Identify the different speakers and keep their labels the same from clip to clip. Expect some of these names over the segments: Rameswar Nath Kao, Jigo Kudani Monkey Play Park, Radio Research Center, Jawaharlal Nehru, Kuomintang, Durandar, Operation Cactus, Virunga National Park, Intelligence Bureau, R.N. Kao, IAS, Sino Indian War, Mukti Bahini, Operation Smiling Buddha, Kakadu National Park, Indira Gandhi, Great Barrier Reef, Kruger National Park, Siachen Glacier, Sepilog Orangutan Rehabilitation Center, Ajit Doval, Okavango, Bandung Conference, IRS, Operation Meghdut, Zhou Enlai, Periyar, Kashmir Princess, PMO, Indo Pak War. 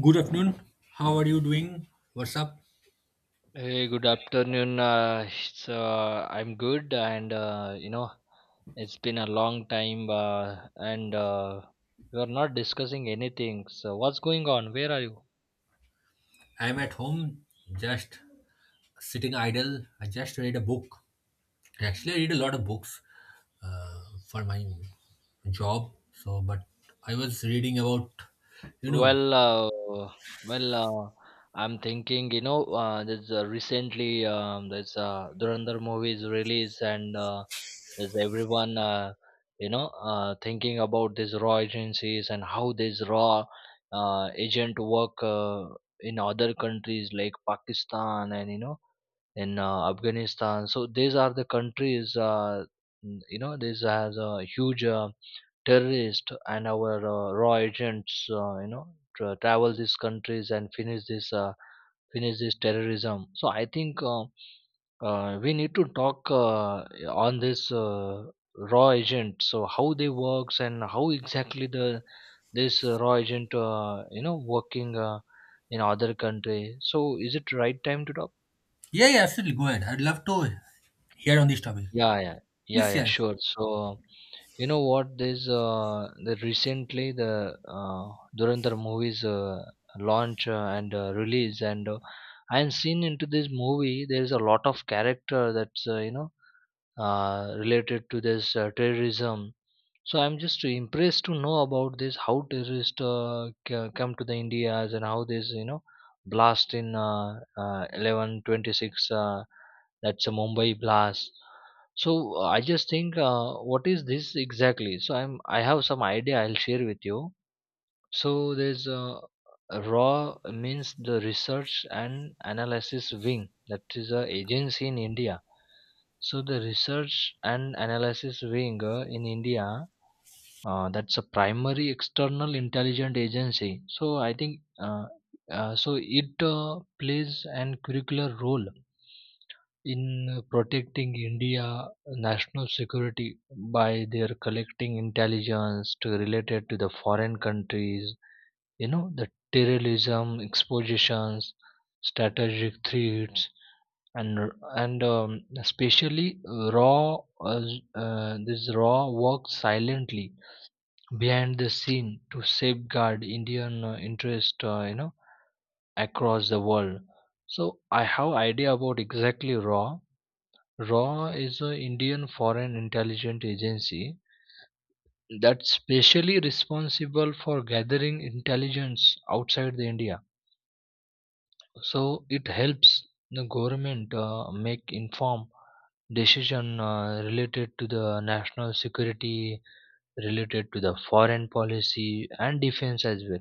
Speaker 1: Good afternoon. How are you doing? What's up?
Speaker 2: Hey, good afternoon. I'm good, and it's been a long time, and we are not discussing anything. So, what's going on? Where are you?
Speaker 1: I'm at home, just sitting idle. I just read a book. Actually, I read a lot of books uh, for my job. So, but I was reading about, you know,
Speaker 2: Well, uh, well, I'm thinking, there's Durandar movies release, and there's everyone, thinking about these raw agencies and how these raw agent work in other countries like Pakistan, and in Afghanistan. So these are the countries. This has a huge. Terrorists and our raw agents travel these countries and finish this terrorism. So I think, we need to talk on this raw agent, so how they works and how exactly the this raw agent working in other country. So is it right time to talk?
Speaker 1: yeah, yeah, absolutely. Go ahead. I'd love to hear on this topic.
Speaker 2: Yeah, yeah. Yeah,
Speaker 1: Please
Speaker 2: yeah,
Speaker 1: share.
Speaker 2: sure, so you know what? There's the recently the Durandar movies launch and release, and I'm seen into this movie. There's a lot of character that's related to this terrorism, so I'm just impressed to know about this how terrorists come to the India's, and how this blast in 1126, that's a Mumbai blast. So I just think what is this exactly? So I have some idea I'll share with you. So there's raw means the research and analysis wing, that is a agency in India. So the research and analysis wing in India that's a primary external intelligent agency. So I think, so it plays an curricular role in protecting India national security by their collecting intelligence to related to the foreign countries, the terrorism expositions, strategic threats, and especially raw, uh, this raw work silently behind the scene to safeguard Indian interest, across the world. So I have idea about exactly RAW. RAW is a Indian Foreign Intelligence Agency that's specially responsible for gathering intelligence outside the India. So it helps the government make informed decision related to the national security, related to the foreign policy and defense as well.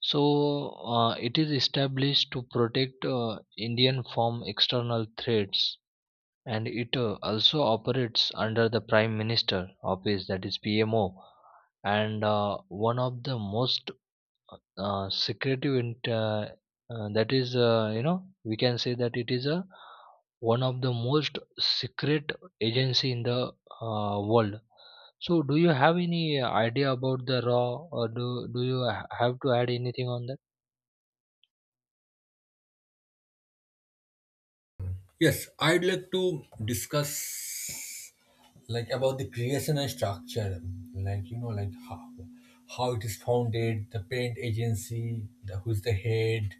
Speaker 2: So it is established to protect Indian from external threats, and it also operates under the Prime Minister office, that is PMO, and one of the most secretive. That is, we can say that it is a one of the most secret agency in the world. So, do you have any idea about the raw, or do you have to add anything on that?
Speaker 1: Yes, I'd like to discuss like about the creation and structure like how it is founded, the parent agency, the who's the head.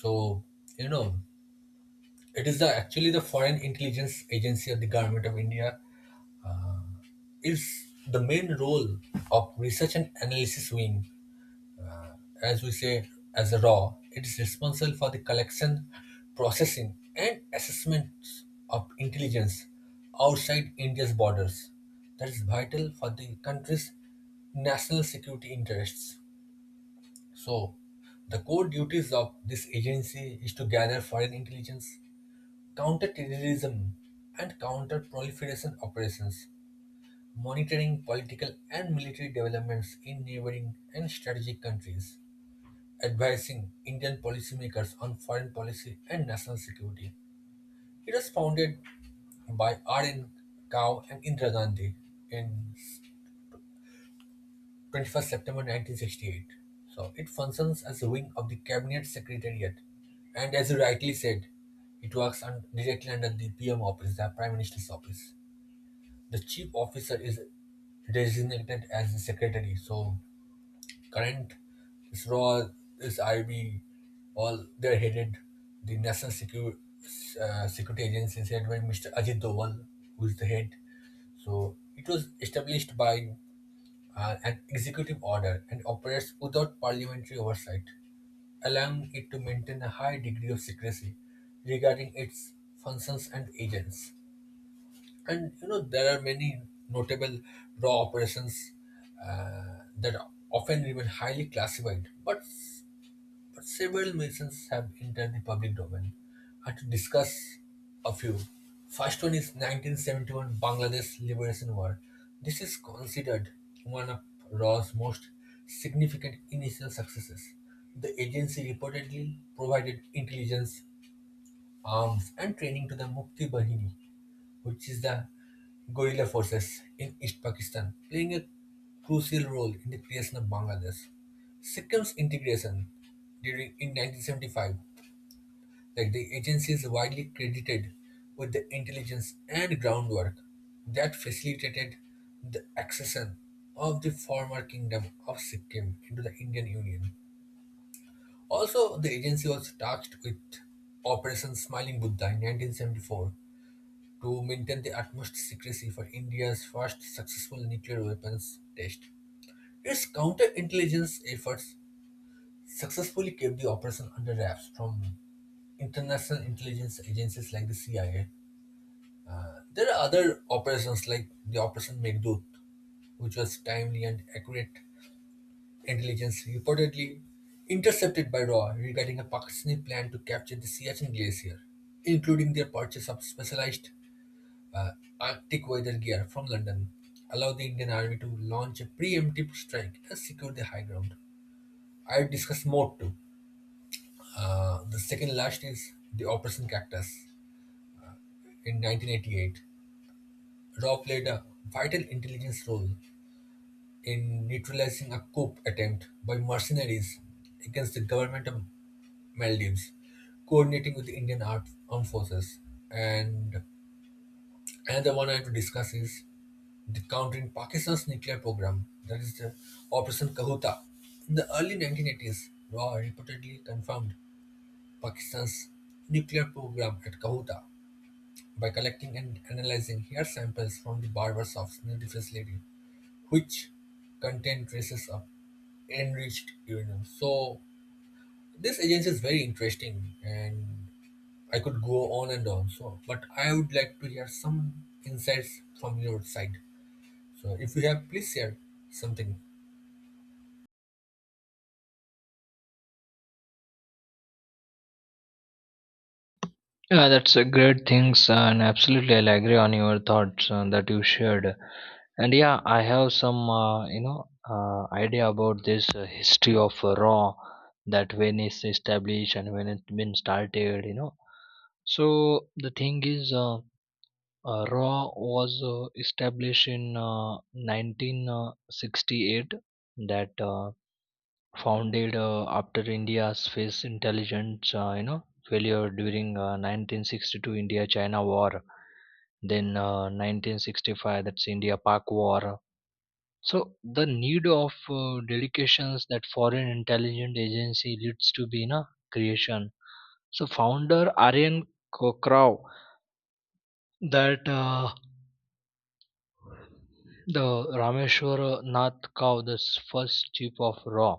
Speaker 1: So, you know, it is the actually the Foreign Intelligence Agency of the Government of India is the main role of research and analysis wing, as we say, as a RAW. It is responsible for the collection, processing, and assessment of intelligence outside India's borders. That is vital for the country's national security interests. So, the core duties of this agency is to gather foreign intelligence, counter-terrorism and counter-proliferation operations, monitoring political and military developments in neighboring and strategic countries, advising Indian policymakers on foreign policy and national security. It was founded by R.N. Kao and Indira Gandhi in 21st September 1968. So it functions as a wing of the Cabinet Secretariat. And as you rightly said, it works directly under the PM office, the Prime Minister's office. The chief officer is designated as the secretary. So current SRO, this IB, all they're headed, the national security security agency is headed by Mr. Ajit Doval, who is the head. So it was established by an executive order and operates without parliamentary oversight, allowing it to maintain a high degree of secrecy regarding its functions and agents. And there are many notable raw operations that often remain highly classified, but several missions have entered the public domain. I have to discuss a few. First one is 1971 Bangladesh Liberation War. This is considered one of RAW's most significant initial successes. The agency reportedly provided intelligence, arms, and training to the Mukti Bahini, which is the guerrilla forces in East Pakistan, playing a crucial role in the creation of Bangladesh. Sikkim's integration during in 1975, like the agency is widely credited with the intelligence and groundwork that facilitated the accession of the former kingdom of Sikkim into the Indian Union. Also, the agency was tasked with Operation Smiling Buddha in 1974, to maintain the utmost secrecy for India's first successful nuclear weapons test. Its counterintelligence efforts successfully kept the operation under wraps from international intelligence agencies like the CIA. There are other operations like the Operation Meghdut, which was timely and accurate intelligence reportedly intercepted by Raw regarding a Pakistani plan to capture the Siachen Glacier, including their purchase of specialized uh, Arctic weather gear from London, allowed the Indian Army to launch a preemptive strike and secure the high ground. I will discuss more too. The second last is the Operation Cactus in 1988. Raw played a vital intelligence role in neutralizing a coup attempt by mercenaries against the government of Maldives, coordinating with the Indian armed forces. And another one I have to discuss is the countering Pakistan's nuclear program, that is the Operation Kahuta. In the early 1980s, RAW reportedly confirmed Pakistan's nuclear program at Kahuta by collecting and analyzing hair samples from the barbers of the facility, which contained traces of enriched uranium. So this agency is very interesting and I could go on and on. So, but I would like to hear some insights from your side. So, if you have, please share something.
Speaker 2: Yeah, that's a great things, and absolutely, I'll agree on your thoughts that you shared. And yeah, I have some, idea about this history of Raw, that when it's established and when it's been started. So the thing is, Raw was established in 1968. That founded after India's space intelligence, failure during 1962 India-China war, then 1965, that's India-Pak war. So the need of delegations that foreign intelligence agency leads to be, you creation. So founder Aryan Krav, that the Rameshwar Nath Kaur, the first chief of Raw.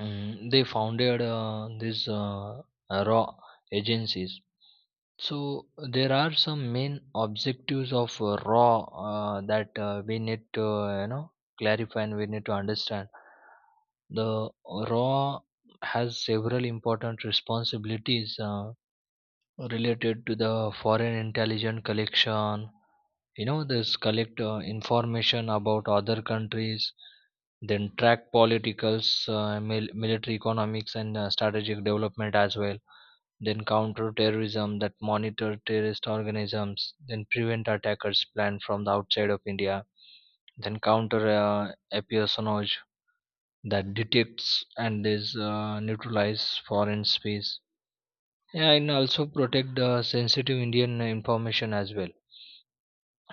Speaker 2: They founded these raw agencies, so there are some main objectives of raw that we need to you know clarify, and we need to understand the raw has several important responsibilities related to the foreign intelligence collection. This collect information about other countries, then track politicals military economics and strategic development as well, then counter terrorism that monitor terrorist organisms, then prevent attackers planned from the outside of India, then counter espionage that detects and is neutralize foreign spies. Yeah, and also protect the sensitive Indian information as well.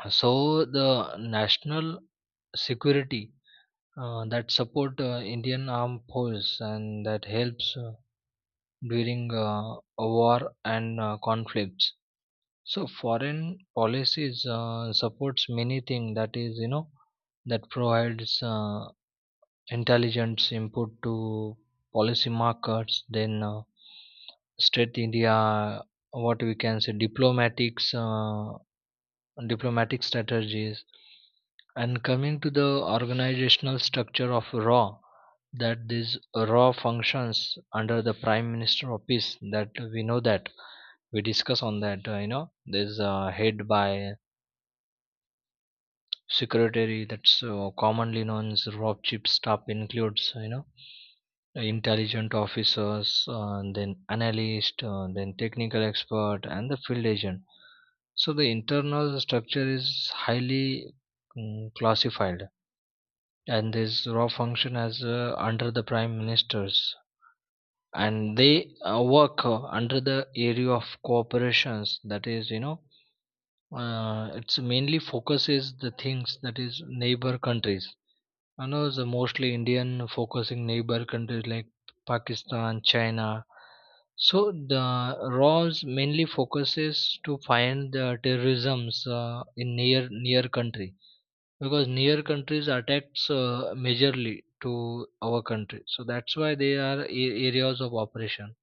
Speaker 2: So the national security that support Indian armed force, and that helps during war and conflicts. So foreign policies supports many things that is, that provides intelligence input to policy markets, then straight India, what we can say, diplomatic strategies. And coming to the organizational structure of raw, that these raw functions under the prime minister office, that we know that we discuss on that, there's a head by secretary, that's commonly known as rob chip. Staff includes, intelligent officers and then analyst, then technical expert and the field agent. So the internal structure is highly classified, and this raw function as under the prime ministers, and they work under the area of cooperations, that is, it's mainly focuses the things that is neighbor countries. I know it's a mostly Indian focusing neighbor countries like Pakistan, China. So the Rawls mainly focuses to find the terrorisms in near country, because near countries attacks majorly to our country. So that's why they are areas of operation.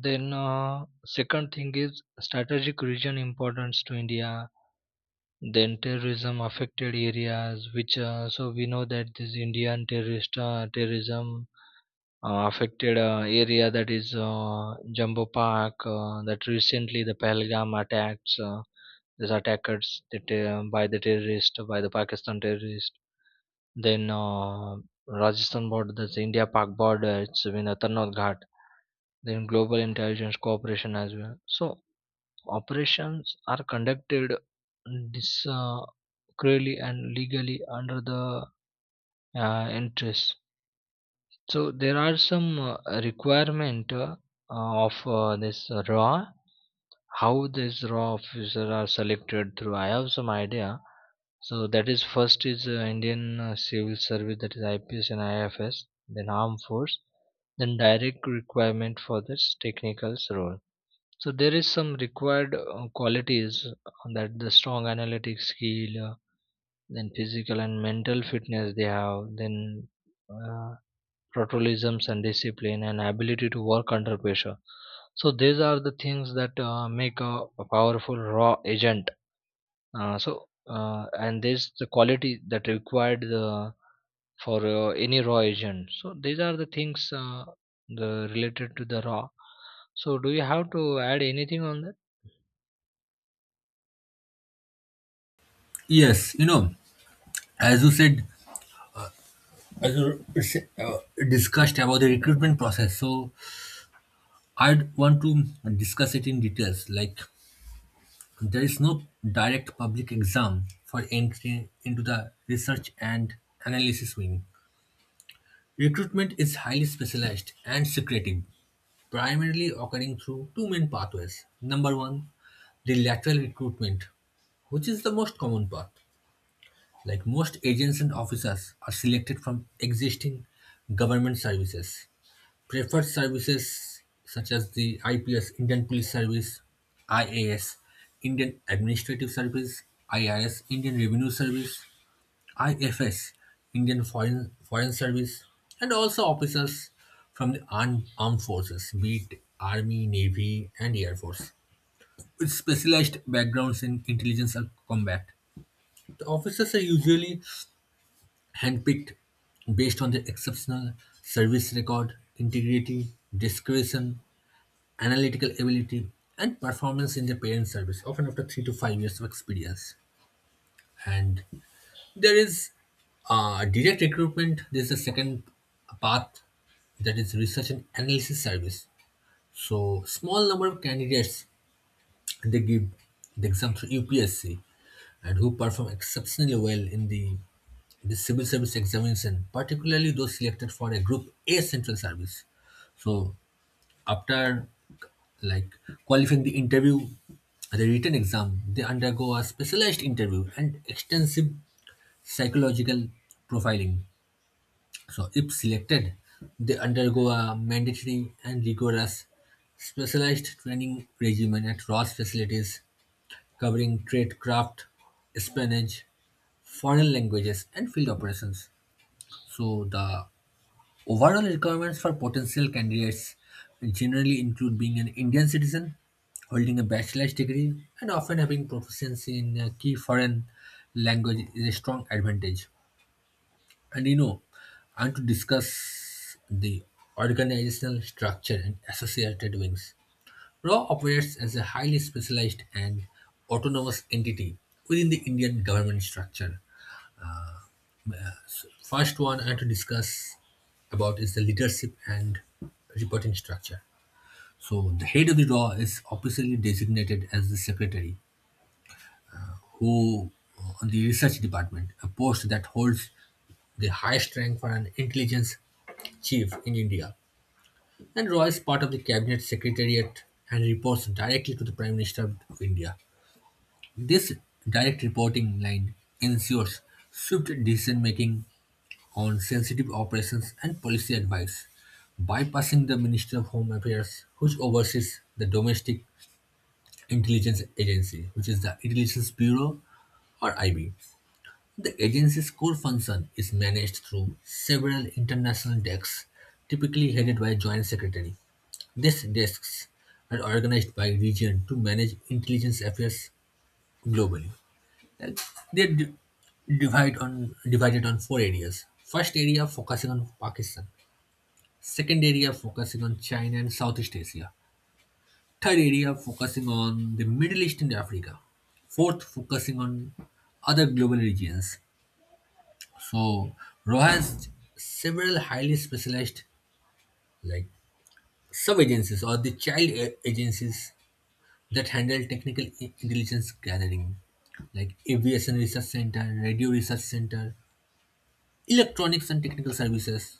Speaker 2: Then second thing is strategic region importance to India, then terrorism affected areas, which so we know that this Indian terrorist terrorism affected area, that is jumbo park, that recently the Pahalgam attacks, these attackers that, by the terrorist, by the Pakistan terrorist, then Rajasthan border, that's india pak border, it's been a Tarnaud ghat, then global intelligence cooperation as well. So operations are conducted discreetly and legally under the interest. So there are some requirement of this raw, how this raw officer are selected through. I have some idea. So that is, first is Indian Civil Service, that is IPS and IFS, then Armed Force, then direct requirement for this technicals role. So there is some required qualities, that the strong analytic skill, then physical and mental fitness they have, then uh, patriotisms and discipline and ability to work under pressure. So these are the things that make a powerful raw agent. So and this the quality that required the for any raw agent. So these are the things the related to the raw. So do you have to add anything on that?
Speaker 1: Yes, as you said, as you uh, discussed about the recruitment process, so I'd want to discuss it in details. Like, there is no direct public exam for entry into the research and analysis wing. Recruitment is highly specialized and secretive, primarily occurring through two main pathways. Number one, the lateral recruitment, which is the most common path. Like most agents and officers are selected from existing government services. Preferred services such as the IPS, Indian Police Service; IAS, Indian Administrative Service; IRS, Indian Revenue Service; IFS, Indian Foreign, Foreign Service; and also officers from the armed forces, be it Army, Navy, and Air Force, with specialized backgrounds in intelligence and combat. The officers are usually handpicked based on their exceptional service record, integrity, discretion, analytical ability, and performance in their parent service, often after 3 to 5 years of experience. And there is direct recruitment. There's a second path, that is research and analysis service. So small number of candidates, they give the exam through UPSC and who perform exceptionally well in the civil service examination, particularly those selected for a group A central service. So after like qualifying the interview, the written exam, they undergo a specialized interview and extensive psychological profiling. So, if selected, they undergo a mandatory and rigorous specialized training regimen at Ross facilities covering trade craft, espionage, foreign languages, and field operations. So, the overall requirements for potential candidates generally include being an Indian citizen, holding a bachelor's degree, and often having proficiency in a key foreign language is a strong advantage. And you know, and to discuss the organizational structure and associated wings. RAW operates as a highly specialized and autonomous entity within the Indian government structure. So first one I have to discuss about is the leadership and reporting structure. So the head of the RAW is officially designated as the secretary, who on the research department, a post that holds the highest rank for an intelligence chief in India. And Roy is part of the Cabinet Secretariat and reports directly to the Prime Minister of India. This direct reporting line ensures swift decision making on sensitive operations and policy advice, bypassing the Minister of Home Affairs, which oversees the domestic intelligence agency, which is the Intelligence Bureau or IB. The agency's core function is managed through several international desks, typically headed by a joint secretary. These desks are organized by region to manage intelligence affairs globally. And they're divided on four areas. First area focusing on Pakistan. Second area focusing on China and Southeast Asia. Third area focusing on the Middle East and Africa. Fourth focusing on other global regions. So Roha has several highly specialized, like, sub agencies or the child agencies that handle technical intelligence gathering, like Aviation Research Center, Radio Research Center, Electronics and Technical Services,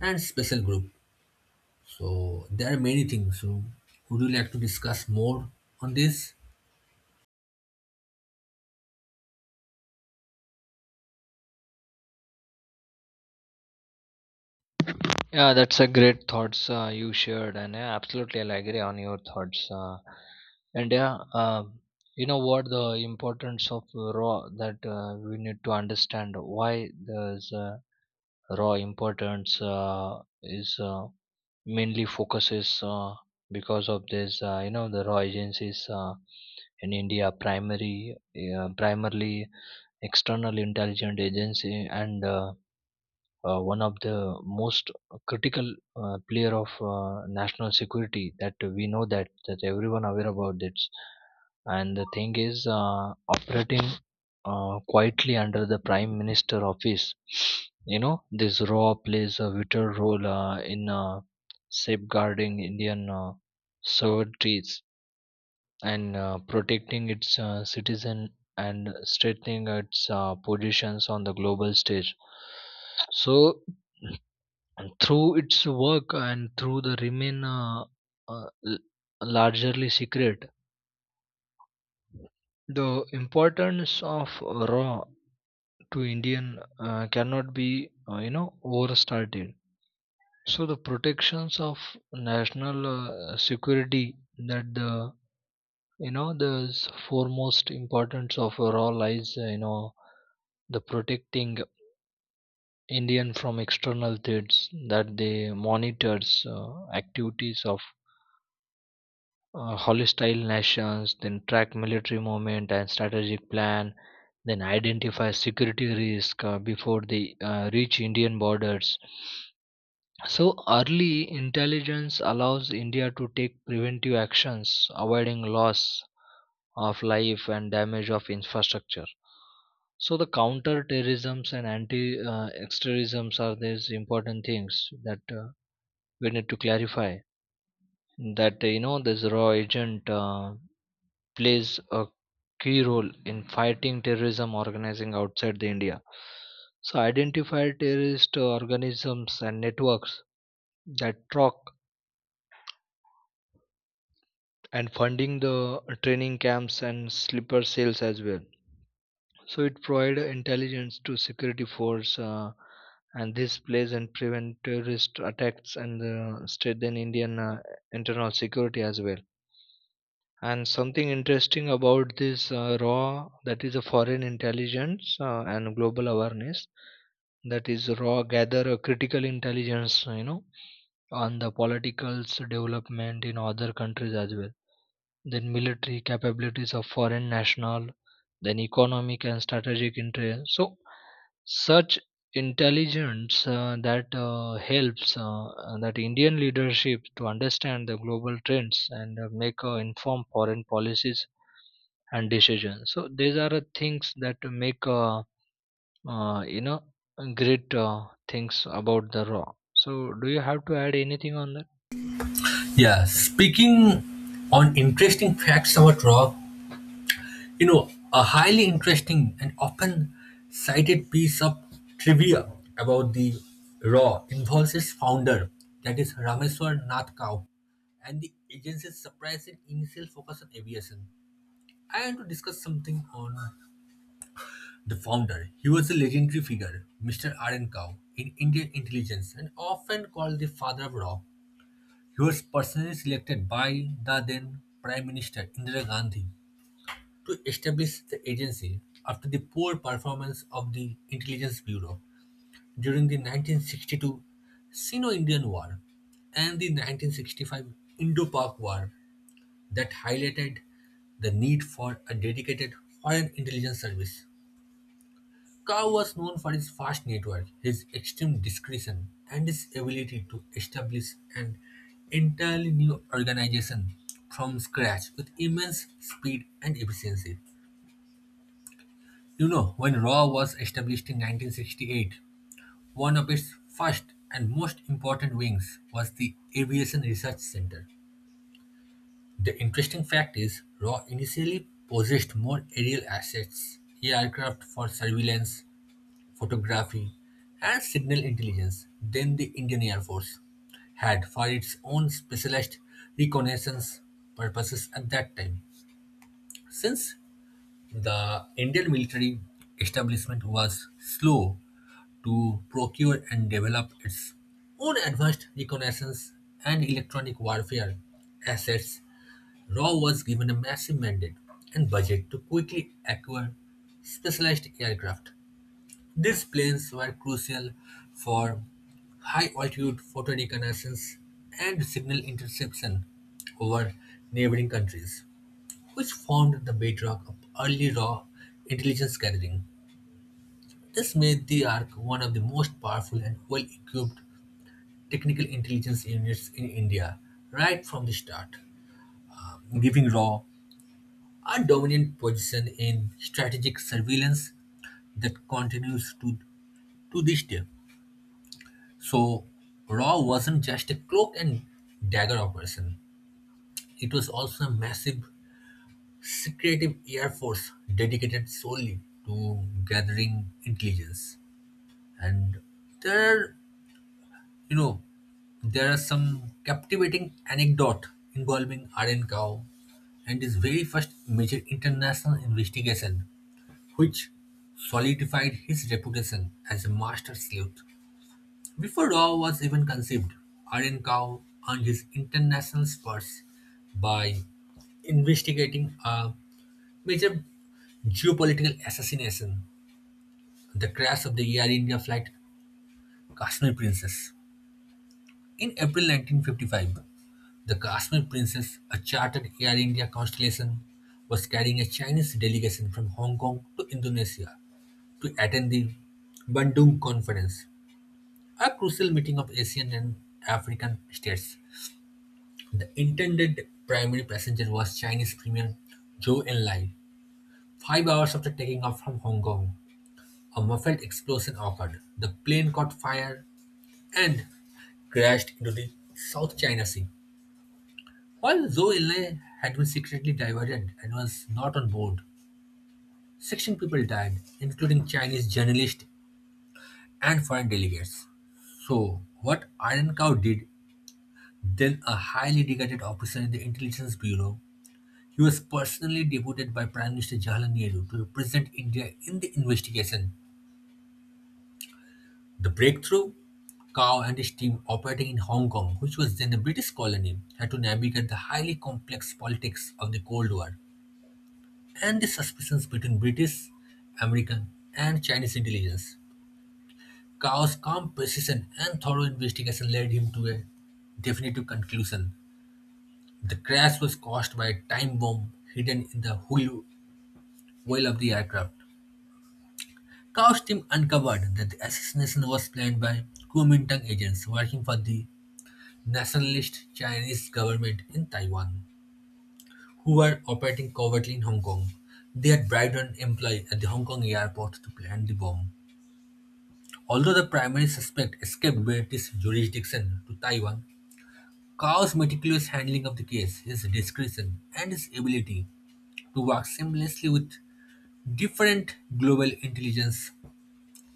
Speaker 1: and Special Group. So there are many things. So would you like to discuss more on this?
Speaker 2: Yeah, that's a great thoughts you shared, and yeah, absolutely, I'll agree on your thoughts. And yeah, you know what the importance of raw, that we need to understand why there's raw importance is mainly focuses because of this. The raw agencies in India, primary primarily external intelligence agency, and one of the most critical player of national security, that we know that everyone aware about this. And the thing is, operating quietly under the prime minister office. This raw plays a vital role in safeguarding Indian sovereignties and protecting its citizen and strengthening its positions on the global stage. So and through its work, and through the remain uh, l- largely secret, the importance of raw to Indian cannot be overstated. So the protections of national security, that the you know the s- foremost importance of raw lies, the protecting Indian from external threats, that they monitors activities of hostile nations, then track military movement and strategic plan, then identify security risk before they reach Indian borders. So early intelligence allows India to take preventive actions, avoiding loss of life and damage of infrastructure. So the counter terrorisms and anti extremisms are these important things that we need to clarify. That this raw agent plays a key role in fighting terrorism organizing outside the India. So identify terrorist organisms and networks that talk and funding the training camps and sleeper cells as well. So it provides intelligence to security force, and this plays and prevent terrorist attacks, and strengthen Indian internal security as well. And something interesting about this raw, that is a foreign intelligence and global awareness, that is raw gather a critical intelligence, on the politicals development in other countries as well, then military capabilities of foreign national, then economic and strategic interest. So such intelligence that helps, that Indian leadership to understand the global trends and make informed foreign policies and decisions. So these are the things that make uh, you know great things about the raw. So do you have to add anything on that?
Speaker 1: Yeah, speaking on interesting facts about rock. You know, a highly interesting and often cited piece of trivia about the RAW involves its founder, that is Rameswar Nath Kao, and the agency's surprising initial focus on aviation. I want to discuss something on the founder. He was a legendary figure, Mr. R.N. Kao, in Indian intelligence and often called the father of RAW. He was personally selected by the then Prime Minister Indira Gandhi to establish the agency after the poor performance of the Intelligence Bureau during the 1962 Sino Indian War and the 1965 Indo Pak War that highlighted the need for a dedicated foreign intelligence service. Kao was known for his vast network, his extreme discretion, and his ability to establish an entirely new organization from scratch with immense speed and efficiency. You know, when Raw was established in 1968, one of its first and most important wings was the Aviation Research Center. The interesting fact is, Raw initially possessed more aerial assets, aircraft for surveillance, photography, and signal intelligence, than the Indian Air Force had for its own specialized reconnaissance purposes at that time. Since the Indian military establishment was slow to procure and develop its own advanced reconnaissance and electronic warfare assets, RAW was given a massive mandate and budget to quickly acquire specialized aircraft. These planes were crucial for high altitude photo reconnaissance and signal interception over neighboring countries, which formed the bedrock of early raw intelligence gathering. This made the ARC one of the most powerful and well equipped technical intelligence units in India right from the start, giving RAW a dominant position in strategic surveillance that continues to this day. So, RAW wasn't just a cloak and dagger operation, it was also a massive secretive air force dedicated solely to gathering intelligence. And there are You know, there are some captivating anecdote involving Aren Kao and his very first major international investigation, which solidified his reputation as a master sleuth. Before Rao was even conceived, Aren Kao earned his international spurs by investigating a major geopolitical assassination, the crash of the Air India flight Kashmir Princess. In April 1955, the Kashmir Princess, a chartered Air India constellation, was carrying a Chinese delegation from Hong Kong to Indonesia to attend the Bandung Conference, a crucial meeting of Asian and African states. The intended primary passenger was Chinese Premier Zhou Enlai. 5 hours after taking off from Hong Kong, a muffled explosion occurred. The plane caught fire and crashed into the South China Sea. While Zhou Enlai had been secretly divergent and was not on board, 16 people died, including Chinese journalists and foreign delegates. So, what Iron Cow did, then a highly regarded officer in the Intelligence Bureau, he was personally deputed by Prime Minister Jawaharlal Nehru to represent India in the investigation. The breakthrough? Cow and his team, operating in Hong Kong, which was then a British colony, had to navigate the highly complex politics of the Cold War and the suspicions between British, American, and Chinese intelligence. Chaos, calm precision, and thorough investigation led him to a definitive conclusion. The crash was caused by a time bomb hidden in the hull wheel of the aircraft. Chaos team uncovered that the assassination was planned by Kuomintang agents working for the nationalist Chinese government in Taiwan, who were operating covertly in Hong Kong. They had bribed an employee at the Hong Kong airport to plant the bomb. Although the primary suspect escaped British jurisdiction to Taiwan, Kao's meticulous handling of the case, his discretion, and his ability to work seamlessly with different global intelligence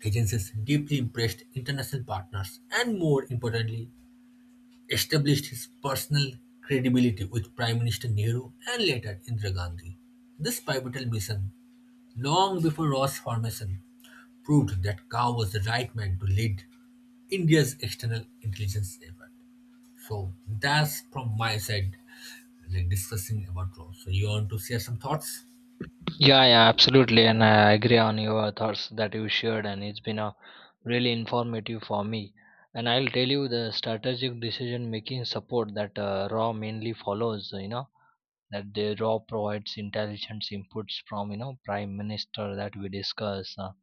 Speaker 1: agencies deeply impressed international partners and, more importantly, established his personal credibility with Prime Minister Nehru and later Indira Gandhi. This pivotal mission, long before Ross' formation, proved that Kao was the right man to lead India's external intelligence effort. So that's from my side, like discussing about Rome. So you want to share some thoughts?
Speaker 2: Yeah, yeah, absolutely, and I agree on your thoughts that you shared, and it's been a really informative for me. And I'll tell you the strategic decision making support that Raw mainly follows. You know, that the raw provides intelligence inputs from, prime minister that we discuss,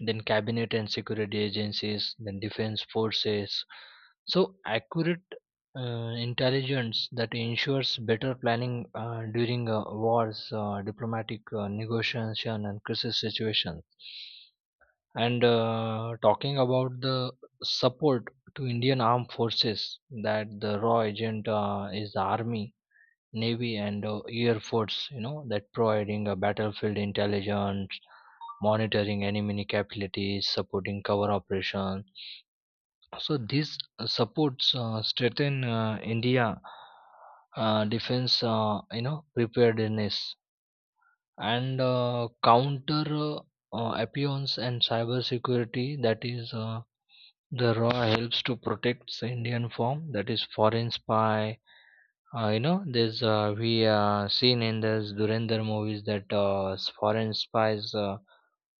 Speaker 2: then cabinet and security agencies, then defense forces, so accurate intelligence that ensures better planning during wars, diplomatic negotiation, and crisis situations. And talking about the support to Indian armed forces, that the raw agent is the army, navy, and air force, that providing a battlefield intelligence, monitoring enemy capabilities, supporting cover operation. So this supports strengthen India defense, preparedness. And counter appearance and cyber security, that is, the raw helps to protect the Indian form, that is foreign spy. There's we seen in those Durender movies that foreign spies uh,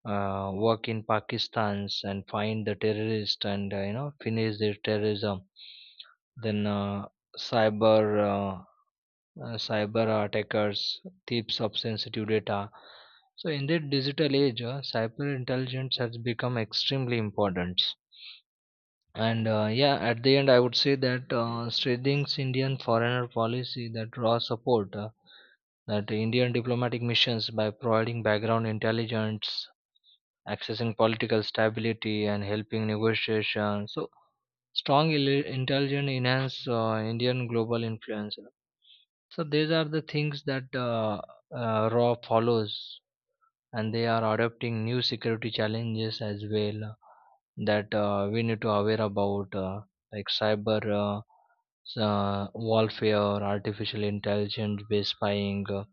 Speaker 2: uh, work in Pakistan's and find the terrorist, and finish their terrorism. Then cyber uh, cyber attackers thieves of sensitive data. So in the digital age, cyber intelligence has become extremely important. And yeah, at the end, I would say that Sridhing's Indian foreigner policy that raw support. That Indian diplomatic missions by providing background intelligence, accessing political stability, and helping negotiation. So strong intelligence enhance Indian global influence. So these are the things that RAW follows, and they are adopting new security challenges as well, that we need to aware about, like cyber. Warfare, artificial intelligence based spying,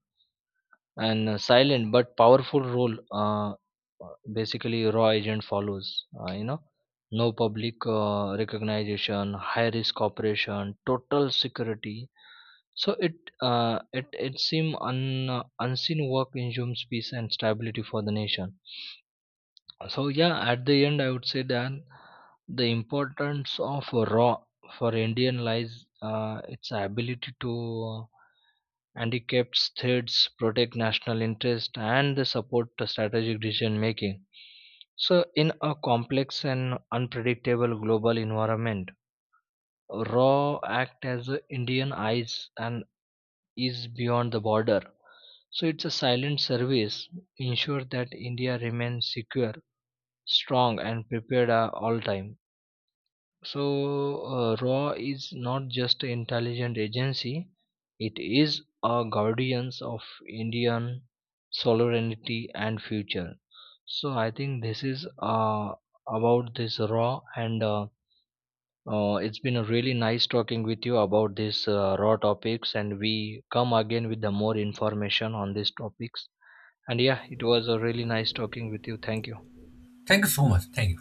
Speaker 2: and a silent but powerful role. Basically raw agent follows, no public recognition, high risk operation, total security. So it seem unseen work insumes peace and stability for the nation. So yeah, at the end I would say that the importance of raw for Indian lies, its ability to Handicapped states protect national interest, and they support the strategic decision making. So, in a complex and unpredictable global environment, RAW act as a Indian eyes and is beyond the border. So, it's a silent service, ensure that India remains secure, strong, and prepared at all time. So, RAW is not just an intelligent agency, it is a guardian of Indian sovereignty and future. So, I think this is about this RAW, and it's been a really nice talking with you about this RAW topics. And we come again with the more information on these topics. And yeah, it was a really nice talking with you. Thank you.
Speaker 1: Thank you so much. Thank you.